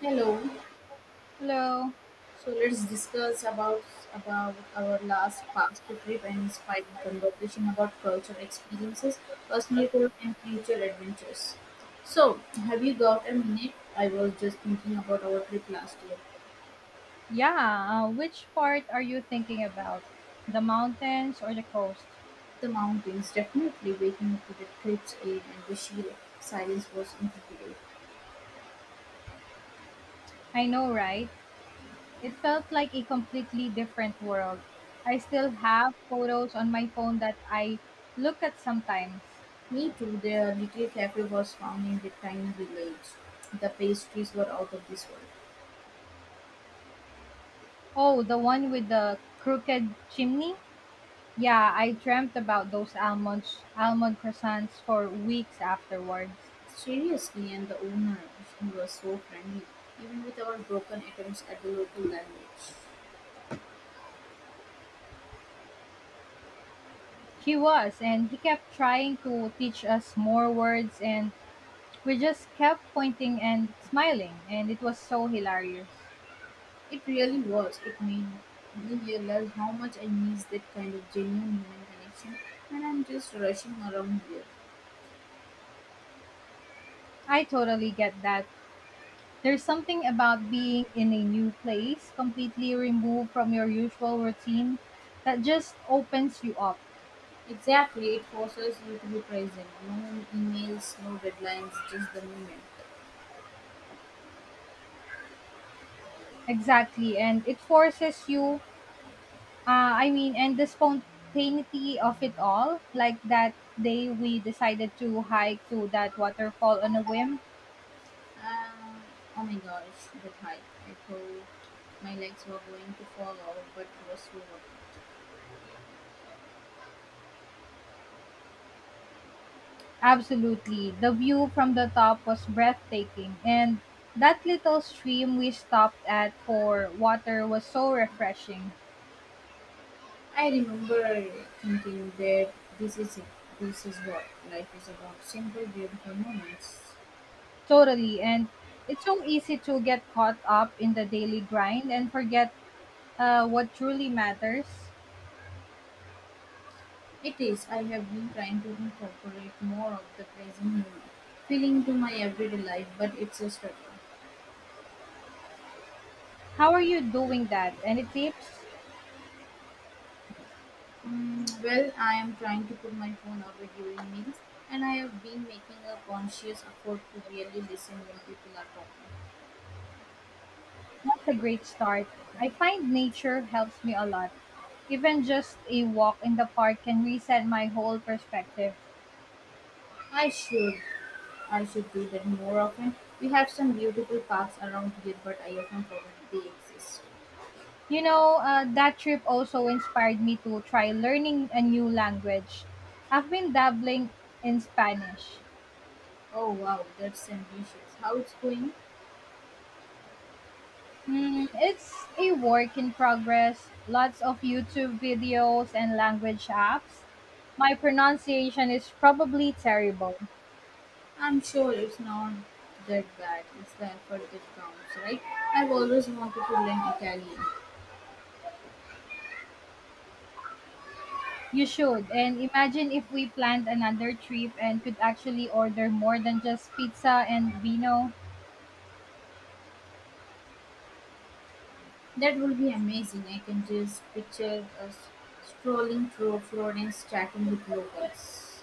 Hello. Hello. So let's discuss about our last past trip and inspired conversation about culture experiences, personal growth, and future adventures. So, have you got a minute? I was just thinking about our trip last year. Yeah, which part are you thinking about? The mountains or the coast? The mountains, definitely waking up to the cliff's aid and the sheer silence was incredible. I know, right? It felt like a completely different world. I still have photos on my phone that I look at sometimes. Me too, the little cafe was found in the tiny village. The pastries were out of this world. Oh, the one with the crooked chimney? Yeah, I dreamt about those almonds, almond croissants for weeks afterwards. Seriously, and the owner was so friendly, even with our broken attempts at the local language. He was, and he kept trying to teach us more words, and we just kept pointing and smiling, and it was so hilarious. It really was. It made me realize how much I miss that kind of genuine human connection when I'm just rushing around here. I totally get that. There's something about being in a new place, completely removed from your usual routine, that just opens you up. Exactly, it forces you to be present. No emails, no deadlines, just the moment. Exactly, and it forces you, I mean, and the spontaneity of it all, like that day we decided to hike to that waterfall on a whim. Um, oh my gosh, that hike. I thought my legs were going to fall out, but it was so worth it. Absolutely. The view from the top was breathtaking, and that little stream we stopped at for water was so refreshing. I remember thinking that this is it. This is what life is about. Simple, beautiful moments. Totally. And it's so easy to get caught up in the daily grind and forget what truly matters. It is. I have been trying to incorporate more of the present moment feeling to my everyday life, but it's a struggle. How are you doing that? Any tips? Mm, well, I am trying to put my phone away during meals, and I have been making a conscious effort to really listen when people are talking. That's a great start. I find nature helps me a lot. Even just a walk in the park can reset my whole perspective. I should, I should do that more often. We have some beautiful parks around here, but I often forget they exist. You know, that trip also inspired me to try learning a new language. I've been dabbling in Spanish. Oh wow, that's ambitious. How it's going? Mm, it's a work in progress, lots of YouTube videos and language apps. My pronunciation is probably terrible. I'm sure it's not that bad. It's the effort that counts, right? I've always wanted to learn Italian. You should. And imagine if we planned another trip and could actually order more than just pizza and vino. That would be amazing. I can just picture us strolling through Florence chatting with locals.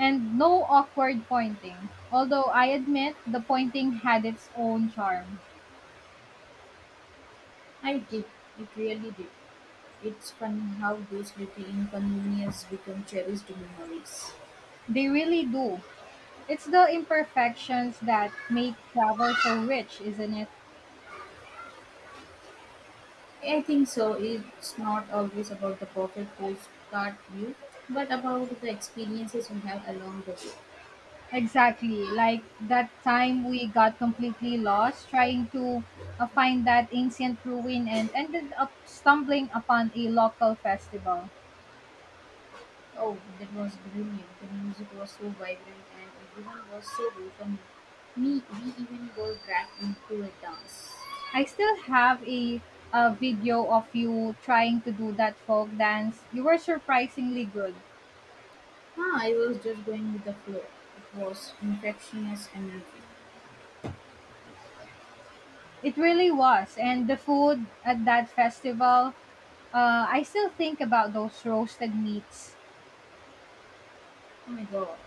And no awkward pointing. Although I admit the pointing had its own charm. I did. It really did. It's funny how those little inconveniences become cherished memories. They really do. It's the imperfections that make travel so rich, isn't it? I think so. It's not always about the perfect postcard view, but about the experiences we have along the way. Exactly. Like that time we got completely lost trying to find that ancient ruin and ended up stumbling upon a local festival. Oh, that was brilliant. The music was so vibrant and everyone was so welcoming. Me, we even got dragged into a dance. I still have a video of you trying to do that folk dance. You were surprisingly good. Ah, I was just going with the flow. It was infectious energy. It really was. And the food at that festival, I still think about those roasted meats. Oh my god.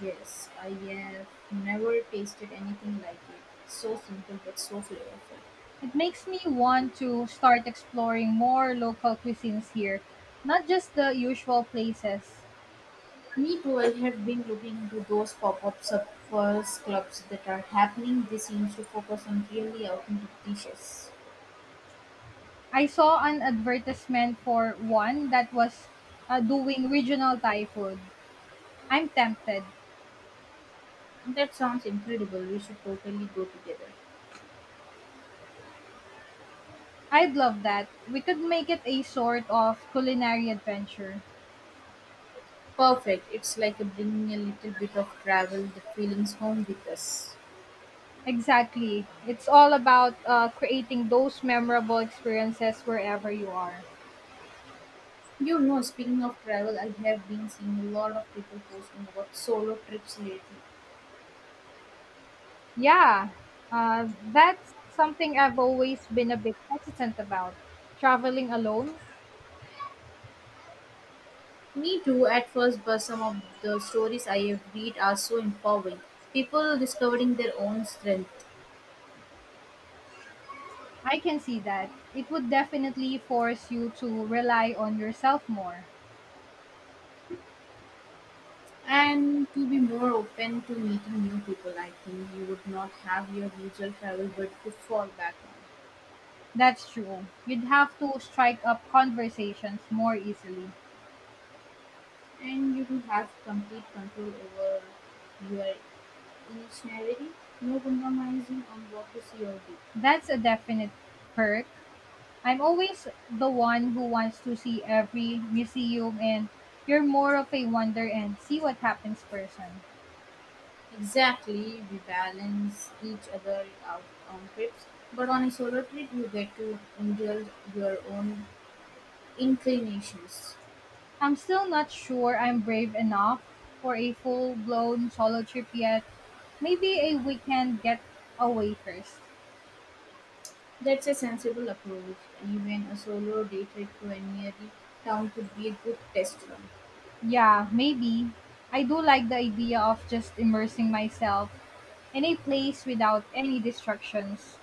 Yes, I have never tasted anything like it. So simple but so flavorful. It makes me want to start exploring more local cuisines here, not just the usual places. Me too, I have been looking into those pop-up suppers clubs that are happening. They seem to focus on really authentic dishes. I saw an advertisement for one that was doing regional Thai food. I'm tempted. That sounds incredible. We should totally go together. I'd love that. We could make it a sort of culinary adventure. Perfect. It's like bringing a little bit of travel, the feelings home with us. Exactly. It's all about creating those memorable experiences wherever you are. You know, speaking of travel, I have been seeing a lot of people posting about solo trips lately. Yeah, that's something I've always been a bit hesitant about. Traveling alone, Me too, at first, but some of the stories I have read are so empowering. People discovering their own strength I can see that. It would definitely force you to rely on yourself more. and to be more open to meeting new people. I think you would not have your usual travel but to fall back on. That's true. You'd have to strike up conversations more easily. And you do have complete control over your initiality. No compromising on what to see or do. That's a definite perk. I'm always the one who wants to see every museum, and you're more of a wonder and see what happens person. Exactly, we balance each other out on trips, but on a solo trip, you get to indulge your own inclinations. I'm still not sure I'm brave enough for a full blown solo trip yet. Maybe a weekend get away first. That's a sensible approach. Even a solo day trip to a nearby town could be a good test run. Yeah, maybe. I do like the idea of just immersing myself in a place without any distractions.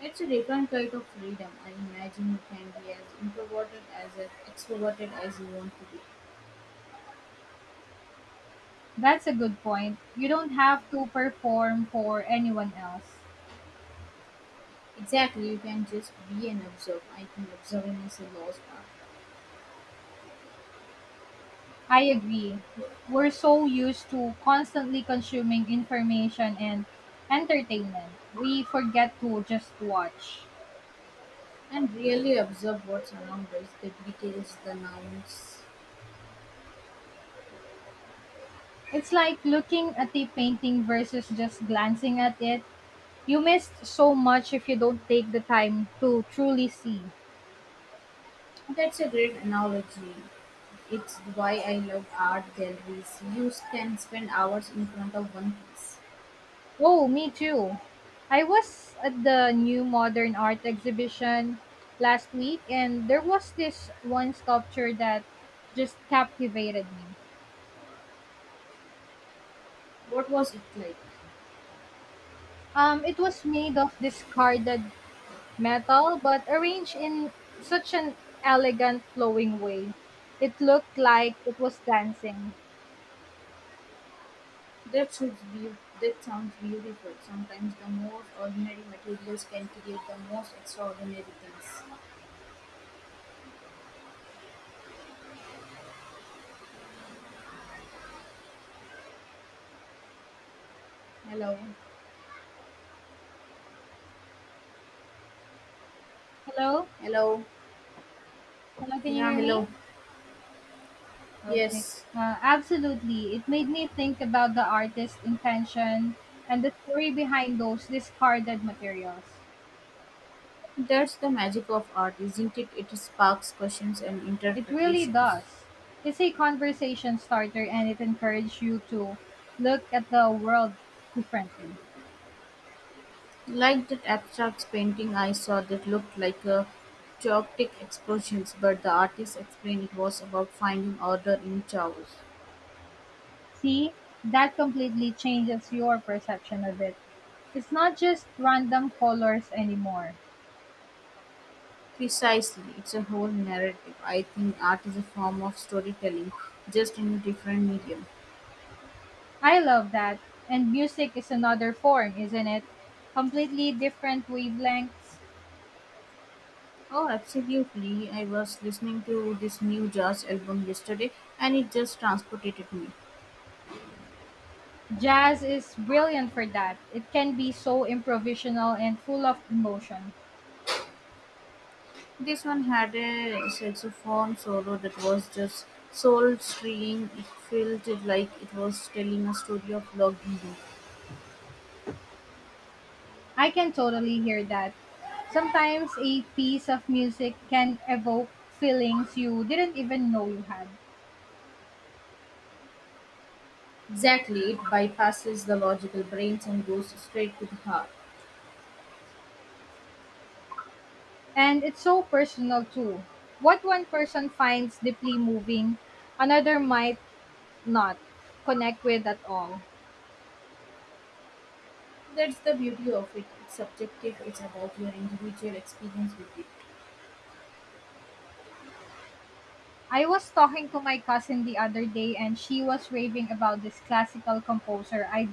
It's a different kind of freedom. I imagine you can be as introverted as extroverted as you want to be. That's a good point. You don't have to perform for anyone else. Exactly, you can just be and observe. I think observing is a lost art. I agree. We're so used to constantly consuming information and entertainment, we forget to just watch. And really observe what's around us, the details, the nouns. It's like looking at a painting versus just glancing at it. You miss so much if you don't take the time to truly see. That's a great analogy. It's why I love art galleries. You can spend hours in front of one piece. Oh, me too. I was at the new modern art exhibition last week and there was this one sculpture that just captivated me. What was it like? It was made of discarded metal but arranged in such an elegant flowing way. It looked like it was dancing. That sounds beautiful. Sometimes the most ordinary materials can create the most extraordinary things. Hello. Hello? Hello. Hello, can you Yeah, hear me? hello. Okay. Yes. Absolutely. It made me think about the artist's intention and the story behind those discarded materials. That's the magic of art, isn't it? It sparks questions and It really interpretations. does. It's a conversation starter and it encourages you to look at the world differently. Like that abstract painting I saw that looked like a chaotic explosion, but the artist explained it was about finding order in chaos. See, that completely changes your perception of it. It's not just random colors anymore. Precisely, it's a whole narrative. I think art is a form of storytelling, just in a different medium. I love that. And music is another form, isn't it? Completely different wavelengths. Oh, absolutely. I was listening to this new jazz album yesterday and it just transported me. Jazz is brilliant for that. It can be so improvisational and full of emotion. This one had a saxophone solo that was just soul stirring. It felt like it was telling a story of locked grief. I can totally hear that. Sometimes a piece of music can evoke feelings you didn't even know you had. Exactly, it bypasses the logical brains and goes straight to the heart. And it's so personal too. What one person finds deeply moving, another might not connect with at all. That's the beauty of it. It's subjective, it's about your individual experience with it. I was talking to my cousin the other day and she was raving about this classical composer I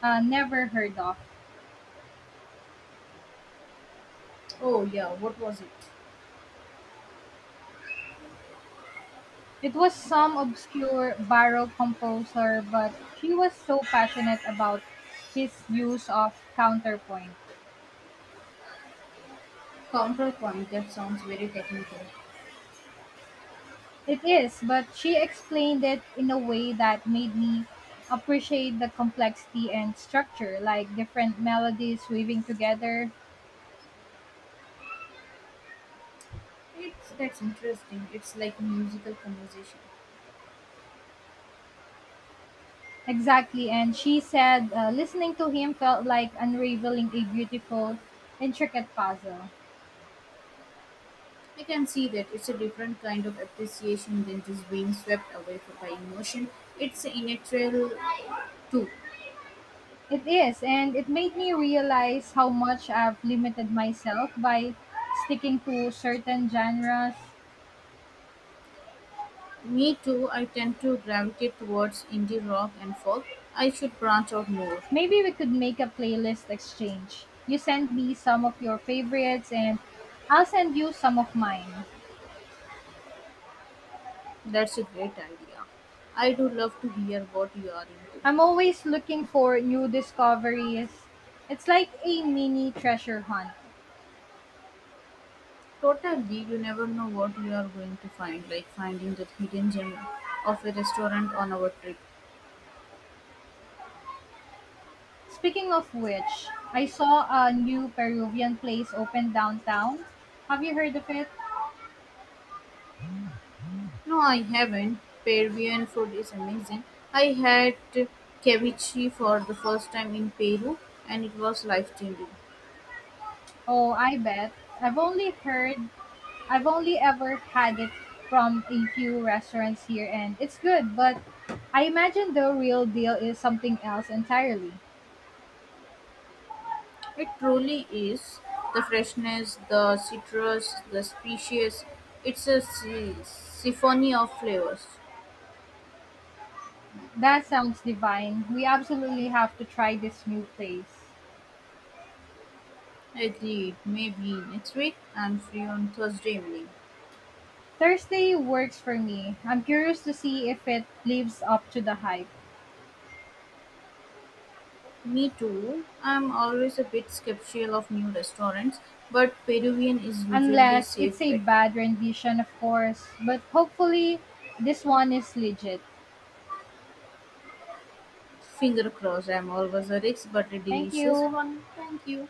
never heard of. Oh, yeah, what was it? It was some obscure Baroque composer, but he was so passionate about his use of counterpoint. Counterpoint, that sounds very technical. It is, but she explained it in a way that made me appreciate the complexity and structure, like different melodies weaving together. It's that's interesting. It's like musical conversation. Exactly, and she said listening to him felt like unraveling a beautiful, intricate puzzle. I can see that it's a different kind of appreciation than just being swept away for by emotion. It's a natural too. It is, and it made me realize how much I've limited myself by sticking to certain genres. Me too, I tend to gravitate towards indie rock and folk. I should branch out more. Maybe we could make a playlist exchange. You send me some of your favorites, and I'll send you some of mine. That's a great idea. I do love to hear what you are into. I'm always looking for new discoveries. It's like a mini treasure hunt. Totally, you never know what you are going to find, like finding that hidden gem of a restaurant on our trip. Speaking of which, I saw a new Peruvian place open downtown. Have you heard of it? No, I haven't. Peruvian food is amazing. I had ceviche for the first time in Peru and it was life changing. Oh, I bet. I've only heard I've only ever had it from a few restaurants here and it's good, but I imagine the real deal is something else entirely. It truly is. The freshness, the citrus, the species. Symphony of flavors. That sounds divine. We absolutely have to try this new place. Agreed. Maybe next week. I'm free on Thursday evening. Thursday works for me. I'm curious to see if it lives up to the hype. Me too. I'm always a bit skeptical of new restaurants, but Peruvian is usually a Unless it's safe a bet. bad rendition, of course, but hopefully this one is legit. Finger crossed I'm always a risk but a Thank delicious you. one, thank you.